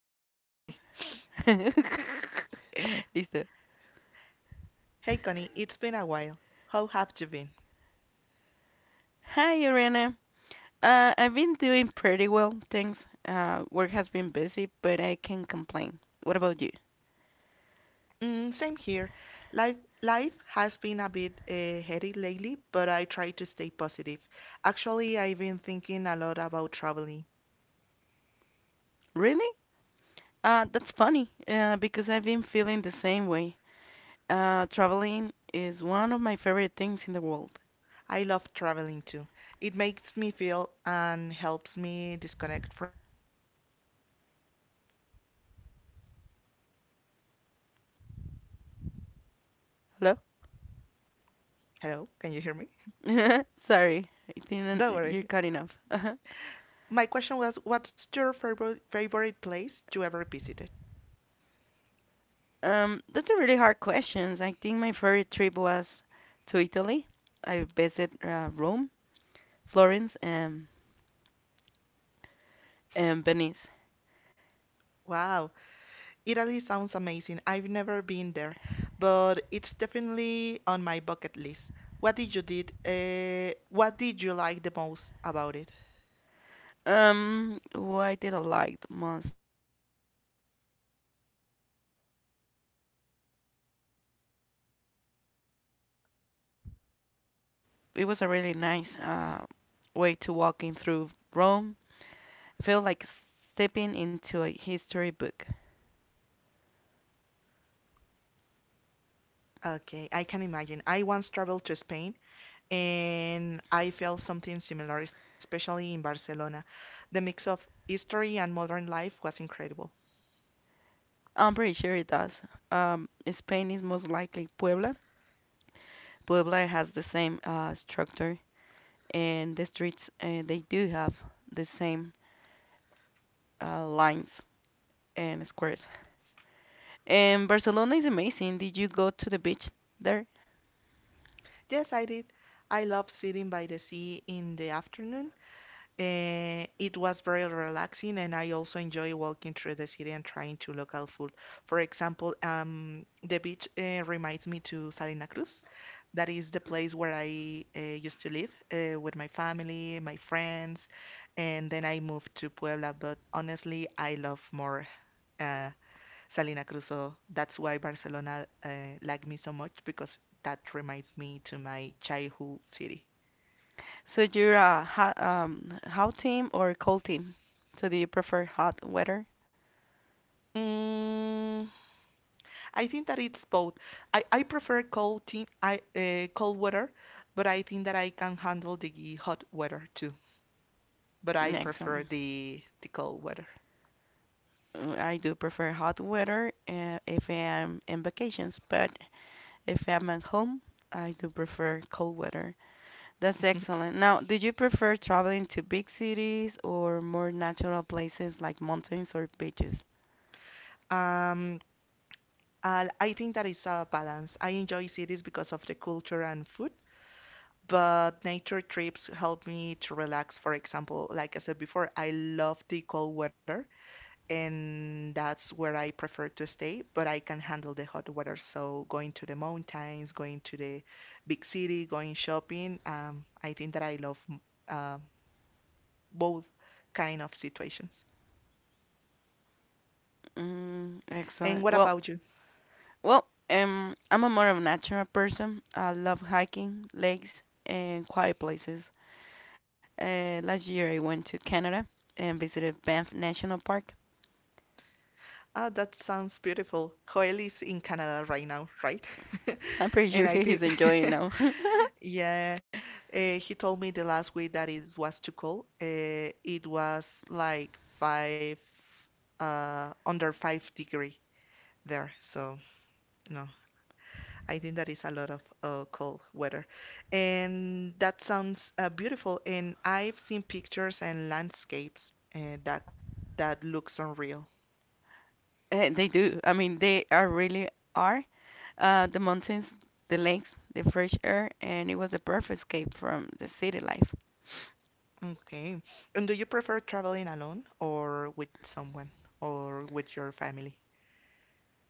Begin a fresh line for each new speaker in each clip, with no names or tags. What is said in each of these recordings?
dices Connie, ¿no?
Okay.
Listo.
Hey Connie, it's been a while. How have you been?
Hi, Ariana. I've been doing pretty well, thanks. Work has been busy, but I can't complain. What about you?
Mm, same here. Life life has been a bit heady lately, but I try to stay positive. Actually, I've been thinking a lot about traveling.
Really? That's funny, because I've been feeling the same way. Traveling is one of my favorite things in the world.
I love traveling too. It makes me feel and helps me disconnect from the routine. What's your favorite place you ever visit?
Hello?
Hello, can you hear me?
Sorry, I
Don't
didn't. You're
worry.
cutting off. Uh-huh.
My question was, what's your favorite favorite place you ever visited?
That's a really hard question. I think my favorite trip was to Italy. I visited Rome, Florence, and Venice.
Wow, Italy sounds amazing. I've never been there, but it's definitely on my bucket list. What did you did? What did you like the most about it?
What did I like the most? Well, honestly, everything. The history, the architecture, the food, and the people. Um, it was a really nice way to walking through Rome. Feel like stepping into a history book.
Okay, I can imagine. I once traveled to Spain and I felt something similar, especially in Barcelona. The mix of history and modern life was incredible.
I'm pretty sure it does. Spain is most likely Puebla. Puebla has the same structure, and the streets they do have the same lines and squares. And Barcelona is amazing. Did you go to the beach there?
Yes, I did. I love sitting by the sea in the afternoon. It was very relaxing, and I also enjoy walking through the city and trying to local food. For example, the beach reminds me to Salina Cruz. That is the place where I used to live with my family, my friends, and then I moved to Puebla. But honestly, I love more uh, Salina Cruz, so that's why Barcelona liked me so much because that reminds me to my childhood city.
So you're a hot, hot team or cold team? So do you prefer hot weather?
Mm. I think that it's both. I prefer cold team, I cold weather, but I think that I can handle the hot weather too. But I
Mm,
prefer
excellent.
the cold weather.
Mm, I do prefer hot weather if I am in vacations, but if I'm at home, I do prefer cold weather. That's excellent. Now, do you prefer traveling to big cities or more natural places like mountains or beaches?
Um, I think that is a balance. I enjoy cities because of the culture and food, but nature trips help me to relax. For example, like I said before, I love the cold weather and that's where I prefer to stay, but I can handle the hot weather. So going to the mountains, going to the big city, going shopping, I think that I love uh, both kind of situations.
Mm,
And
excellent.
what
Well.
about you?
Well, I'm a more of a natural person. I love hiking, lakes, and quiet places. Last year I went to Canada and visited Banff National Park.
Ah, that sounds beautiful. Joel is in Canada right now, right?
I'm pretty sure
And I
he's
think,
enjoying now.
yeah, he told me the last week that it was too cold. It was like five, under 5 degree there. So no, I think that is a lot of cold weather. And that sounds beautiful. And I've seen pictures and landscapes that looks unreal.
They do. I mean, they are really are. The mountains, the lakes, the fresh air, and it was a perfect escape from the city life.
Okay. And do you prefer traveling alone or with someone or with your family?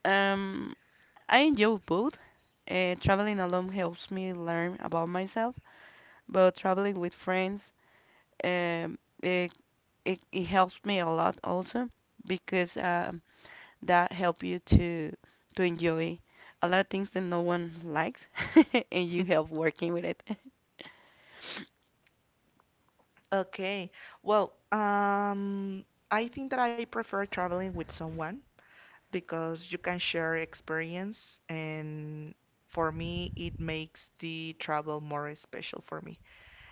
Um, I enjoy both. Traveling alone helps me learn about myself, but traveling with friends um, uh, it helps me a lot also because that help you to enjoy a lot of things that no one likes and you help working with it.
Okay. Well, I think that I prefer traveling with someone because you can share experience, and for me, it makes the travel more special for me.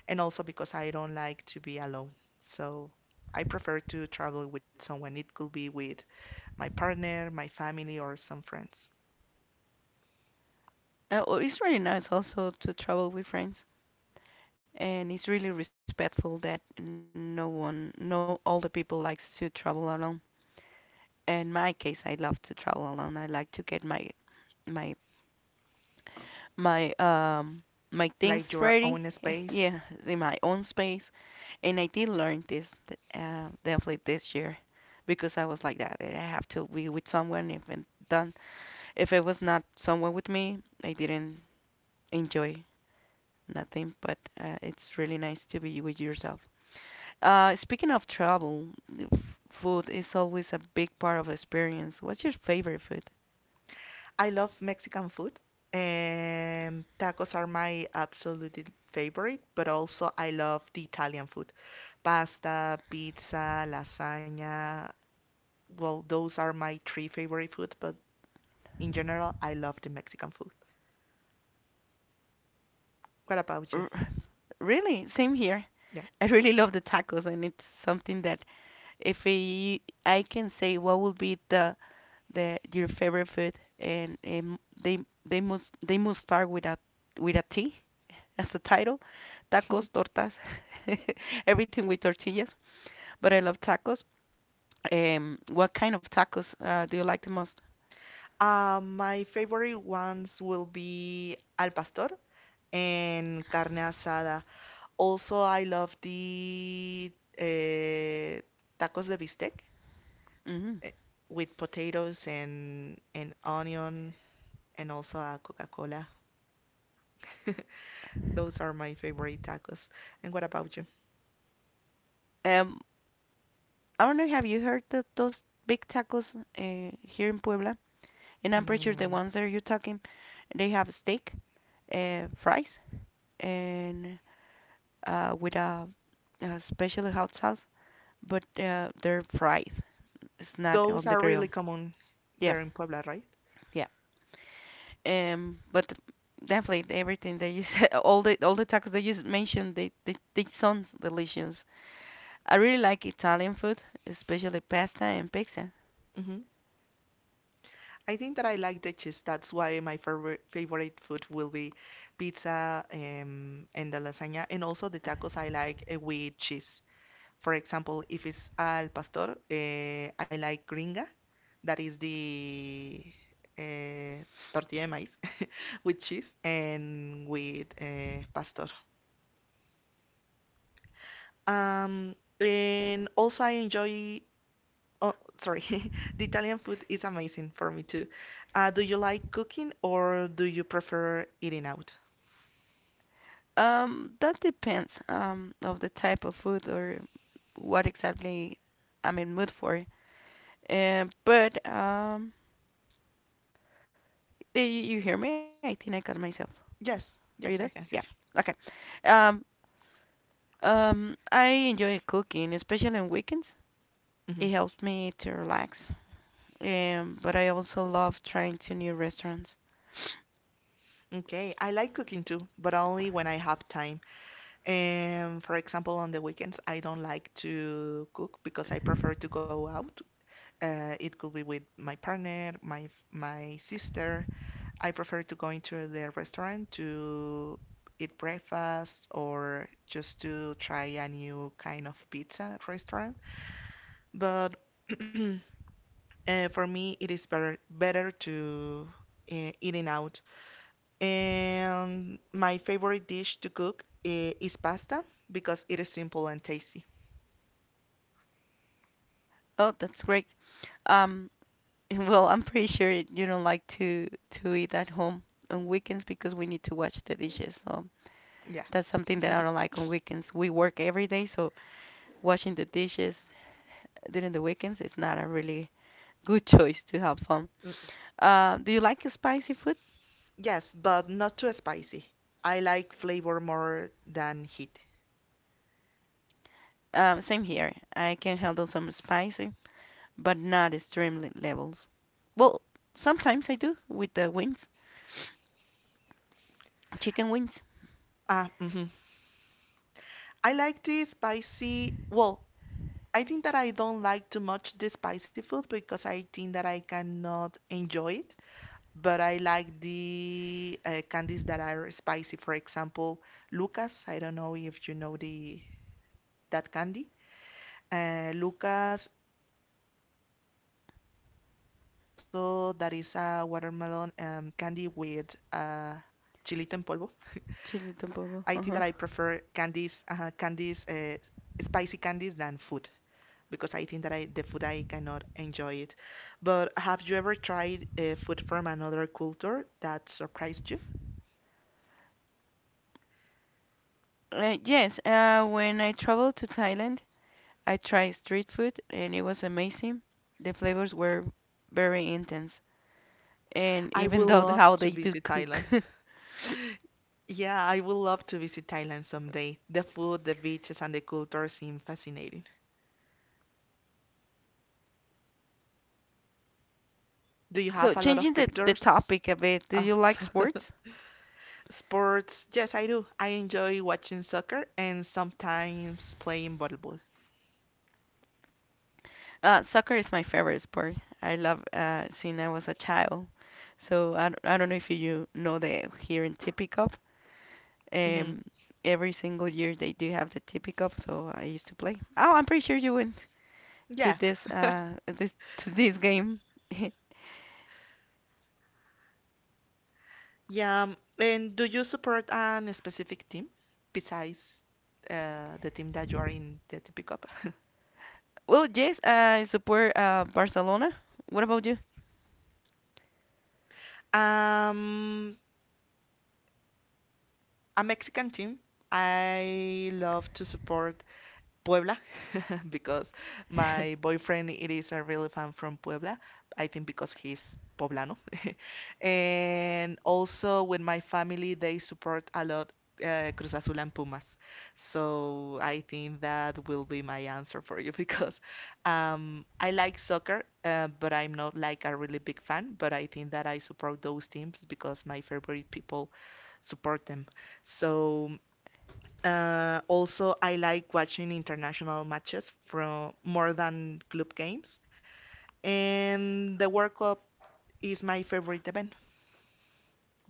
And also because I don't like to be alone. So I prefer to travel with someone. It could be with my partner, my family, or some friends.
Well, it's really nice also to travel with friends, and it's really respectful that no one, no all the people likes to travel alone. In my case, I love to travel alone. I like to get my my my my
Like your
things
own
ready.
space.
Yeah, in my own space. And I did learn this definitely this year because I was like that, that I have to be with someone. If it done, if it was not someone with me, I didn't enjoy nothing. But it's really nice to be with yourself. Speaking of travel, food is always a big part of experience. What's your favorite food?
I love Mexican food, and tacos are my absolute favorite, but also I love the Italian food. Pasta, pizza, lasagna. Well, those are my three favorite food, but in general, I love the Mexican food. What about you?
R- Really, same here.
Yeah.
I really love the tacos, and it's something that if I, I can say what would be the your favorite food, and they they must start with a T as a title. Tacos, tortas, everything with tortillas. But I love tacos. What kind of tacos do you like the most?
My favorite ones will be al pastor and carne asada. Also, I love the eh, tacos de bistec.
Hmm.
eh, with potatoes and onion and also a Coca-Cola. Those are my favorite tacos. And what about you?
Um, I don't know. Have you heard of those big tacos here in Puebla? And I'm pretty sure the
Mm,
ones that you're talking, they have steak, fries, and uh, with a, a special hot sauce, but they're fried. It's not on
those
the
are really
grill.
common
Yeah,
there in Puebla, right?
yeah. But definitely everything that you said, all the tacos that you mentioned, they sound delicious. I really like Italian food, especially pasta and pizza.
Hmm. I think that I like the cheese. That's why my favorite favorite food will be pizza, and the lasagna, and also the tacos I like with cheese. For example, if it's al pastor, I like gringa, that is the eh, tortilla de maíz with cheese and with pastor. And also I enjoy. Oh, sorry, the Italian food is amazing for me too. Do you like cooking or do you prefer eating out?
That depends of the type of food or what exactly I'm in mood for. Um, but um, you hear me? I think I cut myself. Are
Yes,
you there?
yes, I
Yeah.
can hear you.
Okay.
Yes.
Um, I enjoy cooking, especially on weekends.
Hmm.
It helps me to relax. But I also love trying to new restaurants.
Okay, I like cooking too, but only when I have time. And for example, on the weekends, I don't like to cook because I prefer to go out. It could be with my partner, my sister. I prefer to go into the restaurant to eat breakfast or just to try a new kind of pizza restaurant. But for me, it is better to eating out. And my favorite dish to cook is pasta because it is simple and tasty.
Oh, that's great. Um, well, I'm pretty sure you don't like to eat at home on weekends because we need to wash the dishes. So
Yeah.
that's something that I don't like on weekends. We work every day, so washing the dishes during the weekends is not a really good choice to have fun.
Mm,
Do you like spicy food?
yes, but not too spicy. I like flavor more than heat.
Same here. I can handle some spicy, but not extreme levels. Well, sometimes I do with the wings, chicken wings.
Ah, mhm. I like the spicy. Well, I think that I don't like too much the spicy food because I think that I cannot enjoy it. But I like the candies that are spicy. For example, Lucas. I don't know if you know the that candy. Lucas, and also that is a watermelon candy with uh, chilito en polvo. I think that I
Chili
prefer
tampoco. Uh-huh.
spicy candies than food because I think that I the food I cannot enjoy it. But have you ever tried food from another culture that surprised you?
Yes, when I traveled to Thailand, I tried street food and it was amazing. The flavors were very intense, and
I
even
would
though
love
how they
to
do
visit
cook.
Thailand. Yeah, I would love to visit Thailand someday. The food, the beaches, and the culture seem fascinating. Do you
So,
have a lot
changing
of
the
pictures?
topic a bit, do
Ah.
you like sports?
Sports, yes, I do. I enjoy watching soccer and sometimes playing volleyball.
Soccer is my favorite sport. I love since I was a child. I don't know if you know the here in TP Cup.
Hmm.
Um, every single year they do have the TP Cup, so I used to play. Oh, I'm pretty sure you win. To
Yeah,
this to this game.
yeah. And do you support an specific team besides the team that you are in, the you pick.
Well, yes, I support Barcelona. What about you?
Um, a Mexican team. I love to support Puebla because my boyfriend it is a really fan from Puebla. I think because he's poblano. And also with my family they support a lot Cruz Azul and Pumas. So I think that will be my answer for you because I like soccer, but I'm not like a really big fan. But I think that I support those teams because my favorite people support them. So, also, I like watching international matches from more than club games. And the World Cup is my favorite event.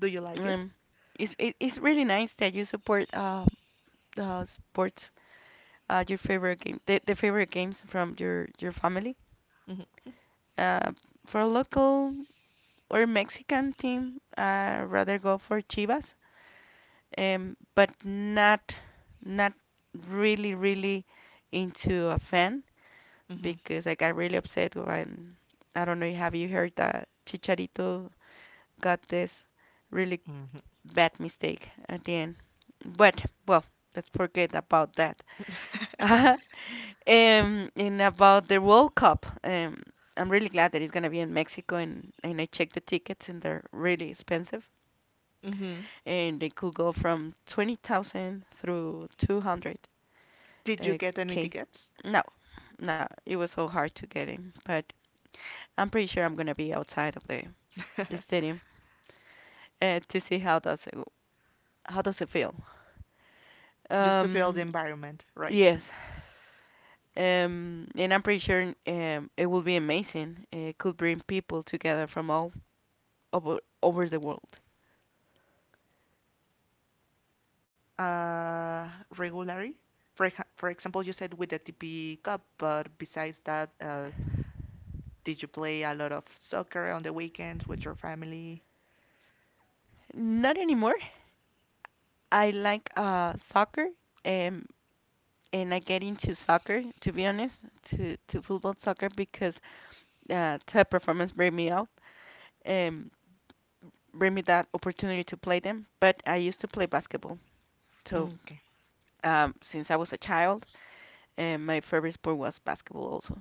Do you like
Um,
it?
it's really nice that you support sports, your favorite game, the favorite games from your family.
Hmm.
Uh, for a local or Mexican team, I rather go for Chivas. But not really into a fan.
Hmm.
Because I got really upset when I don't know have you heard that Chicharito got this really
Hmm.
bad mistake at the end. But well, let's forget about that. And about the World Cup, I'm really glad that it's gonna be in Mexico, and I checked the tickets, and they're really expensive,
Hmm.
and they could go from 20,000 through 200k.
Did you get any tickets?
No, no, it was so hard to get in, but I'm pretty sure I'm gonna be outside of the stadium to see how does it feel.
Just to feel the
Um,
environment, right?
yes, and I'm pretty sure it will be amazing. It could bring people together from all
Hmm.
over the world.
Yeah. And do you play any sports regularly? For example, you said with the TP Cup, but besides that, did you play a lot of soccer on the weekends with your family?
Not anymore. I like soccer, and and I get into soccer, to be honest, to football soccer because top performance bring me out, and bring me that opportunity to play them. But I used to play basketball, so
Okay.
since I was a child, and my favorite sport was basketball also.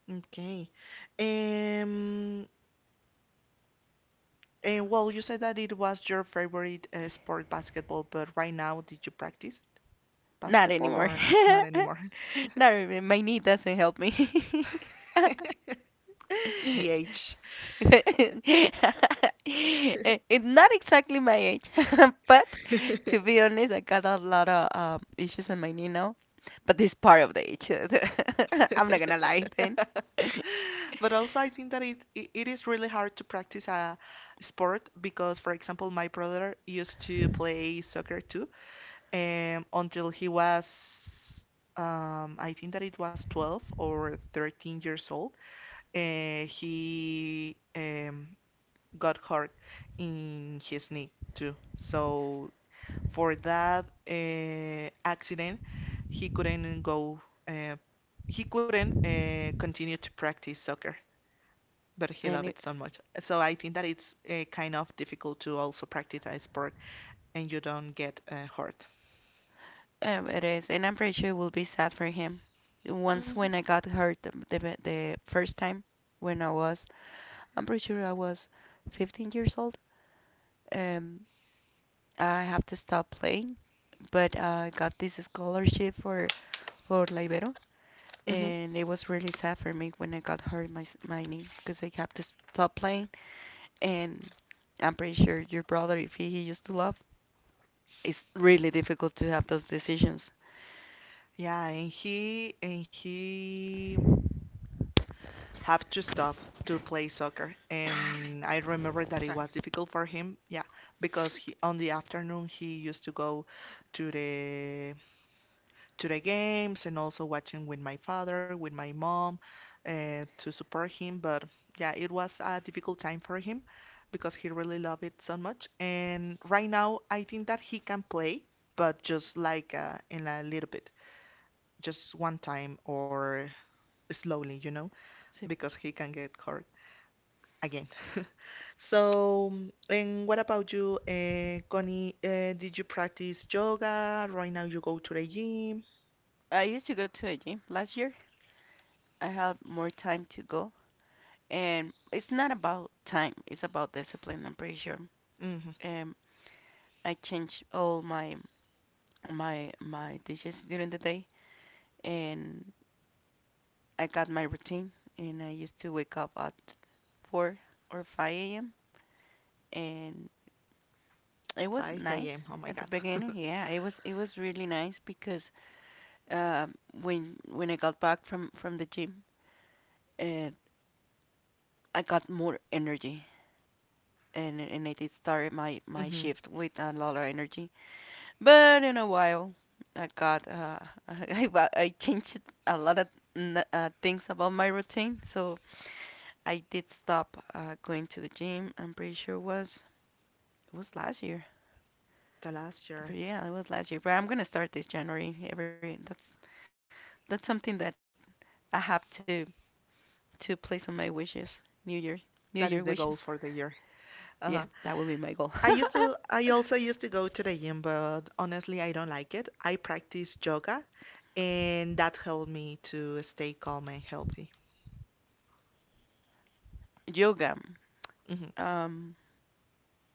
Okay. Um, and well, you said that it was your favorite sport, basketball, but right now, did you practice
Not
basketball
anymore.
or n not anymore?
Not really. My knee doesn't help me.
The age.
Eh, it's not exactly my age, but to be honest, I got a lot of issues on my knee now. But this part of the age, I'm not gonna lie then.
But also, I think that it is really hard to practice a sport because, for example, my brother used to play soccer too, until he was, I think that it was 12 or 13 years old. He got hurt in his knee too. So for that accident, he couldn't go. Uh, he couldn't continue to practice soccer. But he loved
Any.
it so much. So I think that it's kind of difficult to also practice a sport and you don't get hurt.
It is, and I'm pretty sure it will be sad for him. Once
Mhm.
when I got hurt the first time, when I was, I'm pretty sure I was 15 years old. Um, I have to stop playing, but I got this scholarship for La Ibero,
Mhm.
and it was really sad for me when I got hurt my my knee because I have to stop playing. And I'm pretty sure your brother, if he, he used to love, it's really difficult to have those decisions.
Yeah, and he had to stop to play soccer. And I remember that it
Sorry.
was difficult for him, yeah, because he on the afternoon he used to go to the games and also watching with my father, with my mom, to support him. But yeah, it was a difficult time for him because he really loved it so much. And right now, I think that he can play, but just like in a little bit, just one time or slowly,
So
because he can get hurt again. So, and what about you, Connie? Did you practice yoga? Right now you go to the gym?
I used to go to a gym last year. I have more time to go. And it's not about time, it's about discipline, I'm pretty sure.
Hmm.
Um, I changed all my dishes during the day and I got my routine and I used to wake up at 4 or 5 a.m. and it was
5 a.m.
nice
Oh my
at the
God.
beginning. Yeah, it was really nice because um, when I got back from the gym and I got more energy and I did start my
Hmm.
shift with a lot of energy. But in a while, I got I changed a lot of things about my routine, so I did stop going to the gym. I'm pretty sure it was last year.
The
But
last year.
yeah, it was last year. But I'm gonna start this January. Every That's something that I have to place on my wishes. New Year, New Year
That is
wishes.
the goal for the year.
Yeah, that
Uh-huh.
will be my goal.
I also used to go to the gym, but honestly, I don't like it. I practice yoga, and that helped me to stay calm and healthy.
Yoga.
Hmm.
Um,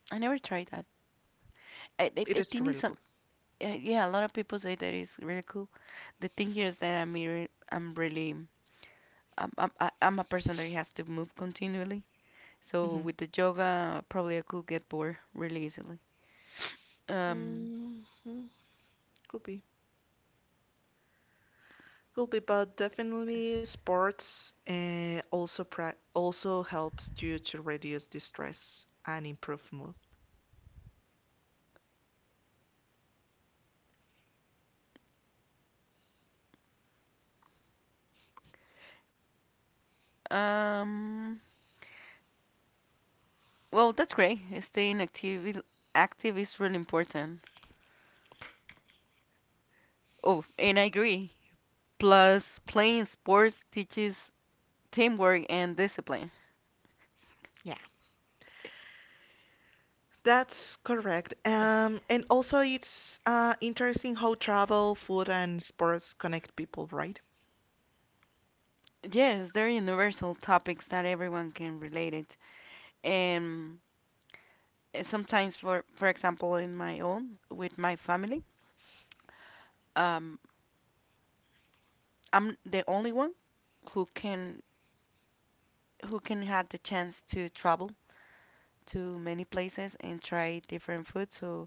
I never tried that. I
It
think
is
it's some.
really cool.
Yeah, a lot of people say that it's really cool. The thing here is that I'm really I'm a person that has to move continually. So
Hmm.
with the yoga, probably I could get bored really easily. Um,
Hmm. Could be, could be, but definitely sports also helps you to reduce the stress and improve mood.
um, well, that's great. Staying active is really important. Oh, and I agree. Plus, playing sports teaches teamwork and discipline.
Yeah. That's correct. And also it's interesting how travel, food, and sports connect people, right?
Yes, they're universal topics that everyone can relate it. And sometimes for example in my own with my family um I'm the only one who can who can have the chance to travel to many places and try different food. So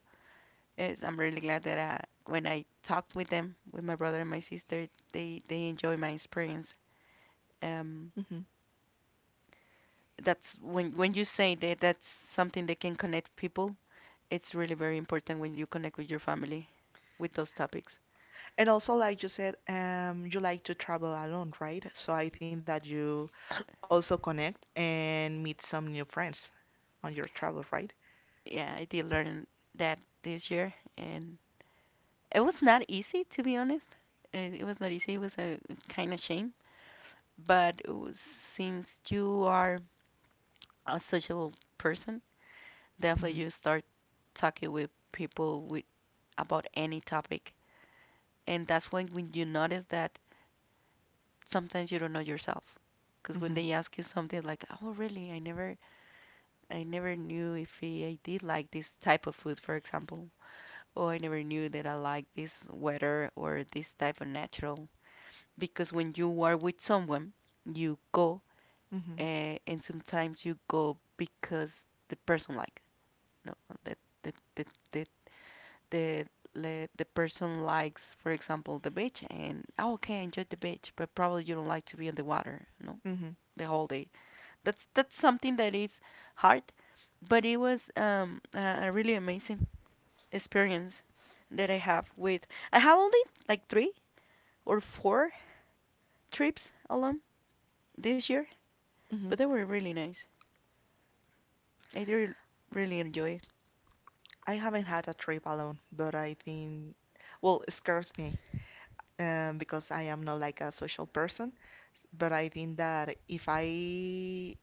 I'm really glad that when I talked with my brother and my sister, they enjoy my experience. um
Hmm.
that's when you say that that's something that can connect people. It's really very important when you connect with your family with those topics.
And also, like you said, you like to travel alone, right? So I think that you also connect and meet some new friends on your travel, right?
Yeah, I did learn that this year, and it was not easy, to be honest. It was not easy. It was a kind of shame. But it was, since you are a sociable person, definitely
Mm-hmm.
you start talking with people with about any topic, and that's when you notice that sometimes you don't know yourself. Because when
Mm-hmm.
they ask you something like, "Oh, really? I never knew if I did like this type of food, for example." Oh, I never knew that I like this weather or this type of natural, because when you are with someone, you go, and sometimes you go because the person like no, the the the the the, the person likes, for example, the beach. And oh, okay, I enjoy the beach, but probably you don't like to be in the water, no,
Mm-hmm.
the whole day. That's something that is hard, but it was a really amazing experience that I have with. I have only like three or four trips alone this year,
Mm-hmm.
but they were really nice. I did really enjoy it.
I haven't had a trip alone, but I think, well, it scares me because I am not like a social person. But I think that if I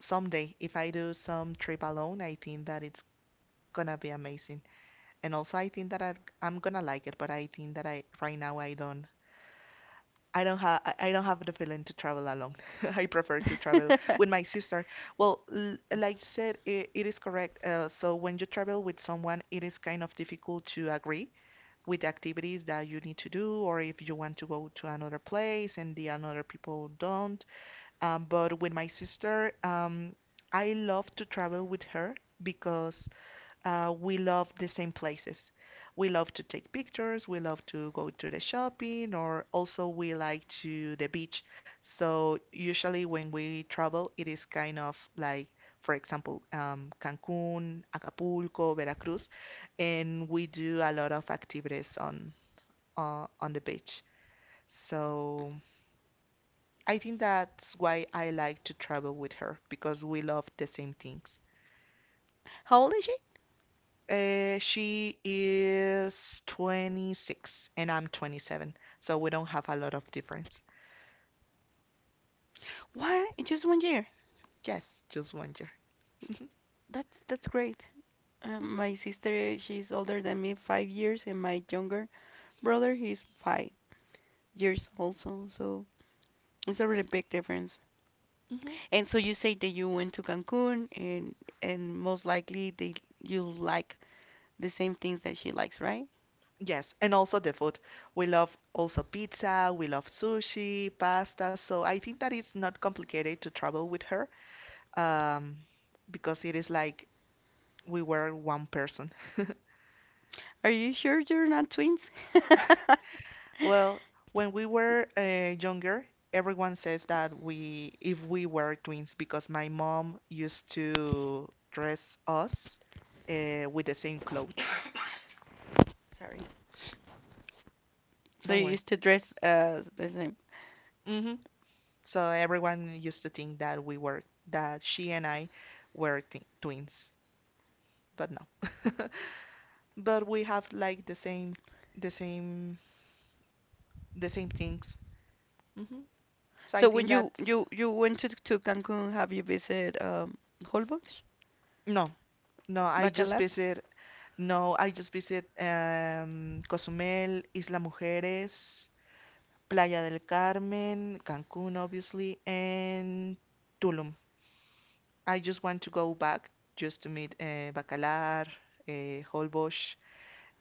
someday, if I do some trip alone, I think that it's gonna be amazing. And also, I think that I'm gonna like it. But I think that I right now I don't. I don't have the feeling to travel alone. I prefer to travel with my sister. Well, l like you said, it is correct. So when you travel with someone, it is kind of difficult to agree with activities that you need to do, or if you want to go to another place and the another people don't. But with my sister, I love to travel with her because we love the same places. We love to take pictures, we love to go to the shopping, or also we like to the beach. So usually when we travel, it is kind of like, for example, Cancun, Acapulco, Veracruz, and we do a lot of activities on the beach. So I think that's why I like to travel with her because we love the same things.
How old is she?
She is 26 and I'm 27, so we don't have a lot of difference.
What? Just 1 year.
Yes, just one year.
That's great.
Mhm,
My sister, she's older than me 5 years, and my younger brother, he's 5 years also. So it's a really big difference.
mhm.
And so you say that you went to Cancun, and most likely they you like the same things that she likes, right?
Yes, and also the food. We love also pizza, we love sushi, pasta, so I think that it's not complicated to travel with her, um, because it is like we were one person.
Are you sure you're not twins?
Well, when we were younger, everyone says that if we were twins, because my mom used to dress us with the same clothes.
Sorry. So you
Don't worry.
used to dress the same.
hmm So everyone used to think that we were, that she and I were t twins, but no. But we have like the same, the same things. hmm So I
So
think
when you
that.
you you went to Cancun, have you visited Holbox,
No, no, I just
Bacalar,
visit No, I just visit Cozumel, Isla Mujeres, Playa del Carmen, Cancun, obviously, and Tulum. I just want to go back just to meet Bacalar, Holbox,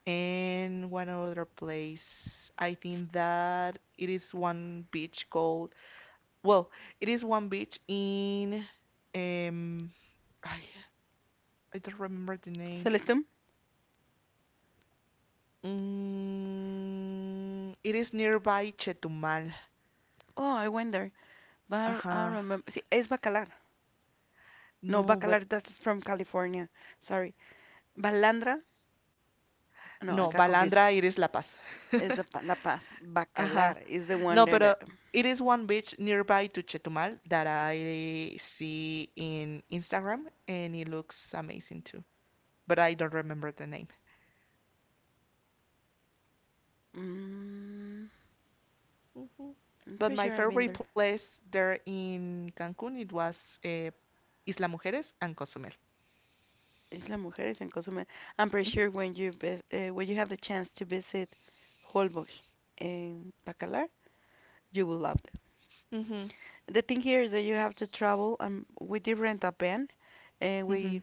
and one other place. I think that it is one beach called, well, it is one beach in, um, I, I don't remember the name.
Celestun?
It is nearby Chetumal.
Oh, I went there, but I
Ajá.
remember. See, es Bacalar. No,
No, but
Bacalar, that's from California. Sorry, Balandra. No, I
no,
got confused.
Balandra, it is La Paz.
It's the La Paz.
Ajá.
Bacalar is the one
No, but
that.
it is one beach nearby to Chetumal that I see in Instagram, and it looks amazing too. But I don't remember the name.
Mm,
Mhm.
I'm
But
pretty
my
sure I've been
favorite
there.
place there in Cancun, it was Isla Mujeres and Cozumel.
Isla Mujeres and Cozumel. I'm pretty
Mhm.
sure when when you have the chance to visit Holbox and Bacalar, you will love.
Mhm.
The thing here is that you have to travel. We did rent a van and
Mhm.
we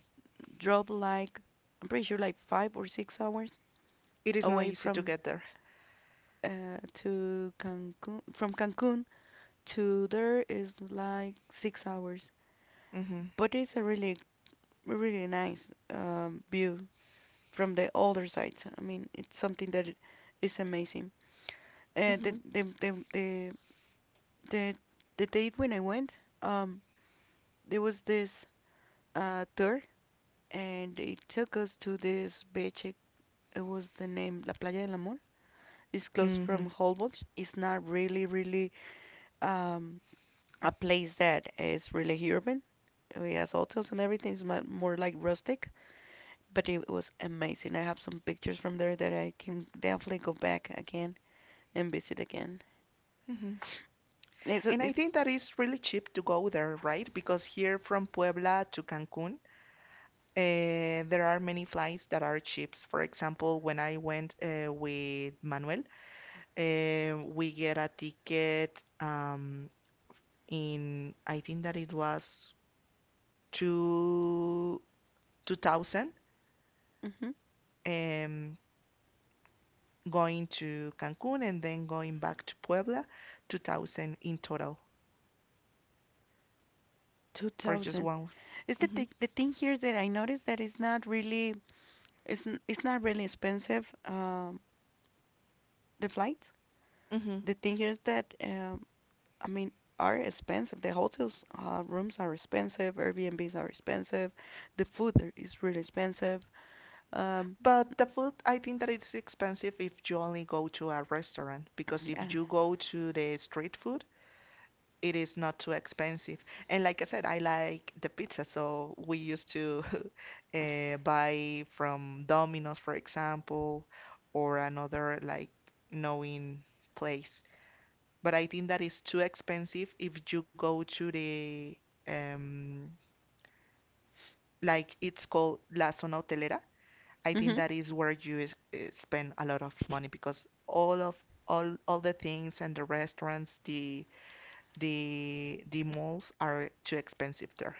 drove like I'm pretty sure like 5 or 6 hours
It is not
away
easy to
from
get there.
to Cancun. From Cancun to there is like 6 hours,
Mhm.
but it's a really really nice view from the other side. I mean, it's something that is amazing. And
Mhm.
the, the date when I went, um, there was this tour, and it took us to this beach. It was the name La Playa del Amor. It's close from
Mhm.
Holbox. It's not really, really um, a place that is really urban. It has hotels and everything. It's more like rustic, but it was amazing. I have some pictures from there that I can definitely go back again and visit again.
Mhm.
It's, a-
And I
it's
think that it's really cheap to go there, right? Because here from Puebla to Cancun, there are many flights that are cheap. For example, when I went with Manuel, we get a ticket in, I think that it was two, 2000,
hmm
um, going to Cancun and then going back to Puebla, 2000 in total for just
2000.
one.
It's the thing here that I noticed that it's not really expensive. The flight.
hmm
The thing here is that I mean are expensive. The hotels rooms are expensive. Airbnbs are expensive. The food there is really expensive. Um,
But the food, I think that it's expensive if you only go to a restaurant, because
yeah.
if you go to the street food, it is not too expensive. And like I said, I like the pizza, so we used to buy from Domino's, for example, or another like knowing place. But I think that is too expensive if you go to the um like it's called La Zona Hotelera. I think
Hmm.
that is where you is, spend a lot of money, because all of all the things and the restaurants, the malls are too expensive there.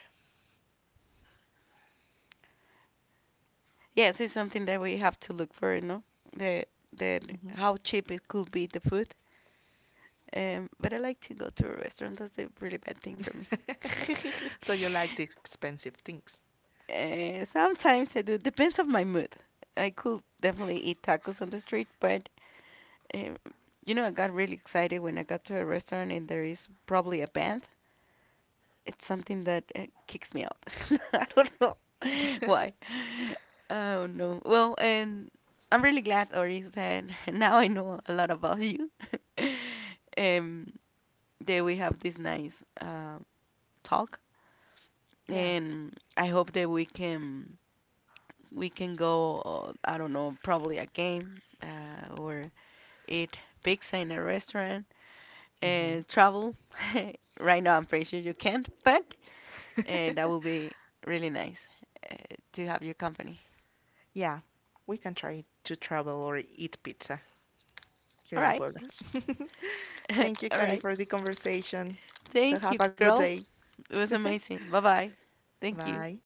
Yes, it's something that we have to look for, the the
Mhm.
how cheap it could be the food. But I like to go to a restaurant. That's a really bad thing for me.
So you like the expensive things.
Sometimes I do. Depends on my mood. I could definitely eat tacos on the street, but Um, I got really excited when I got to a restaurant and there is probably a band. It's something that kicks me out. I don't know why. I don't know. Well, and I'm really glad, Oris, that now I know a lot about you. Um, that we have this nice talk,
Yeah.
and I hope that we can go. I don't know, probably a game or eat pizza in a restaurant,
Hmm.
travel. Right now, I'm pretty sure you can't, but that will be really nice uh, to have your company.
Yeah. We can try to travel or eat pizza here
All
in
right.
Puebla. Thank you,
All
Connie,
right.
for the conversation. So
Thank
have
you,
a good
girl.
day.
It was amazing. Bye bye. Thank you.
Bye.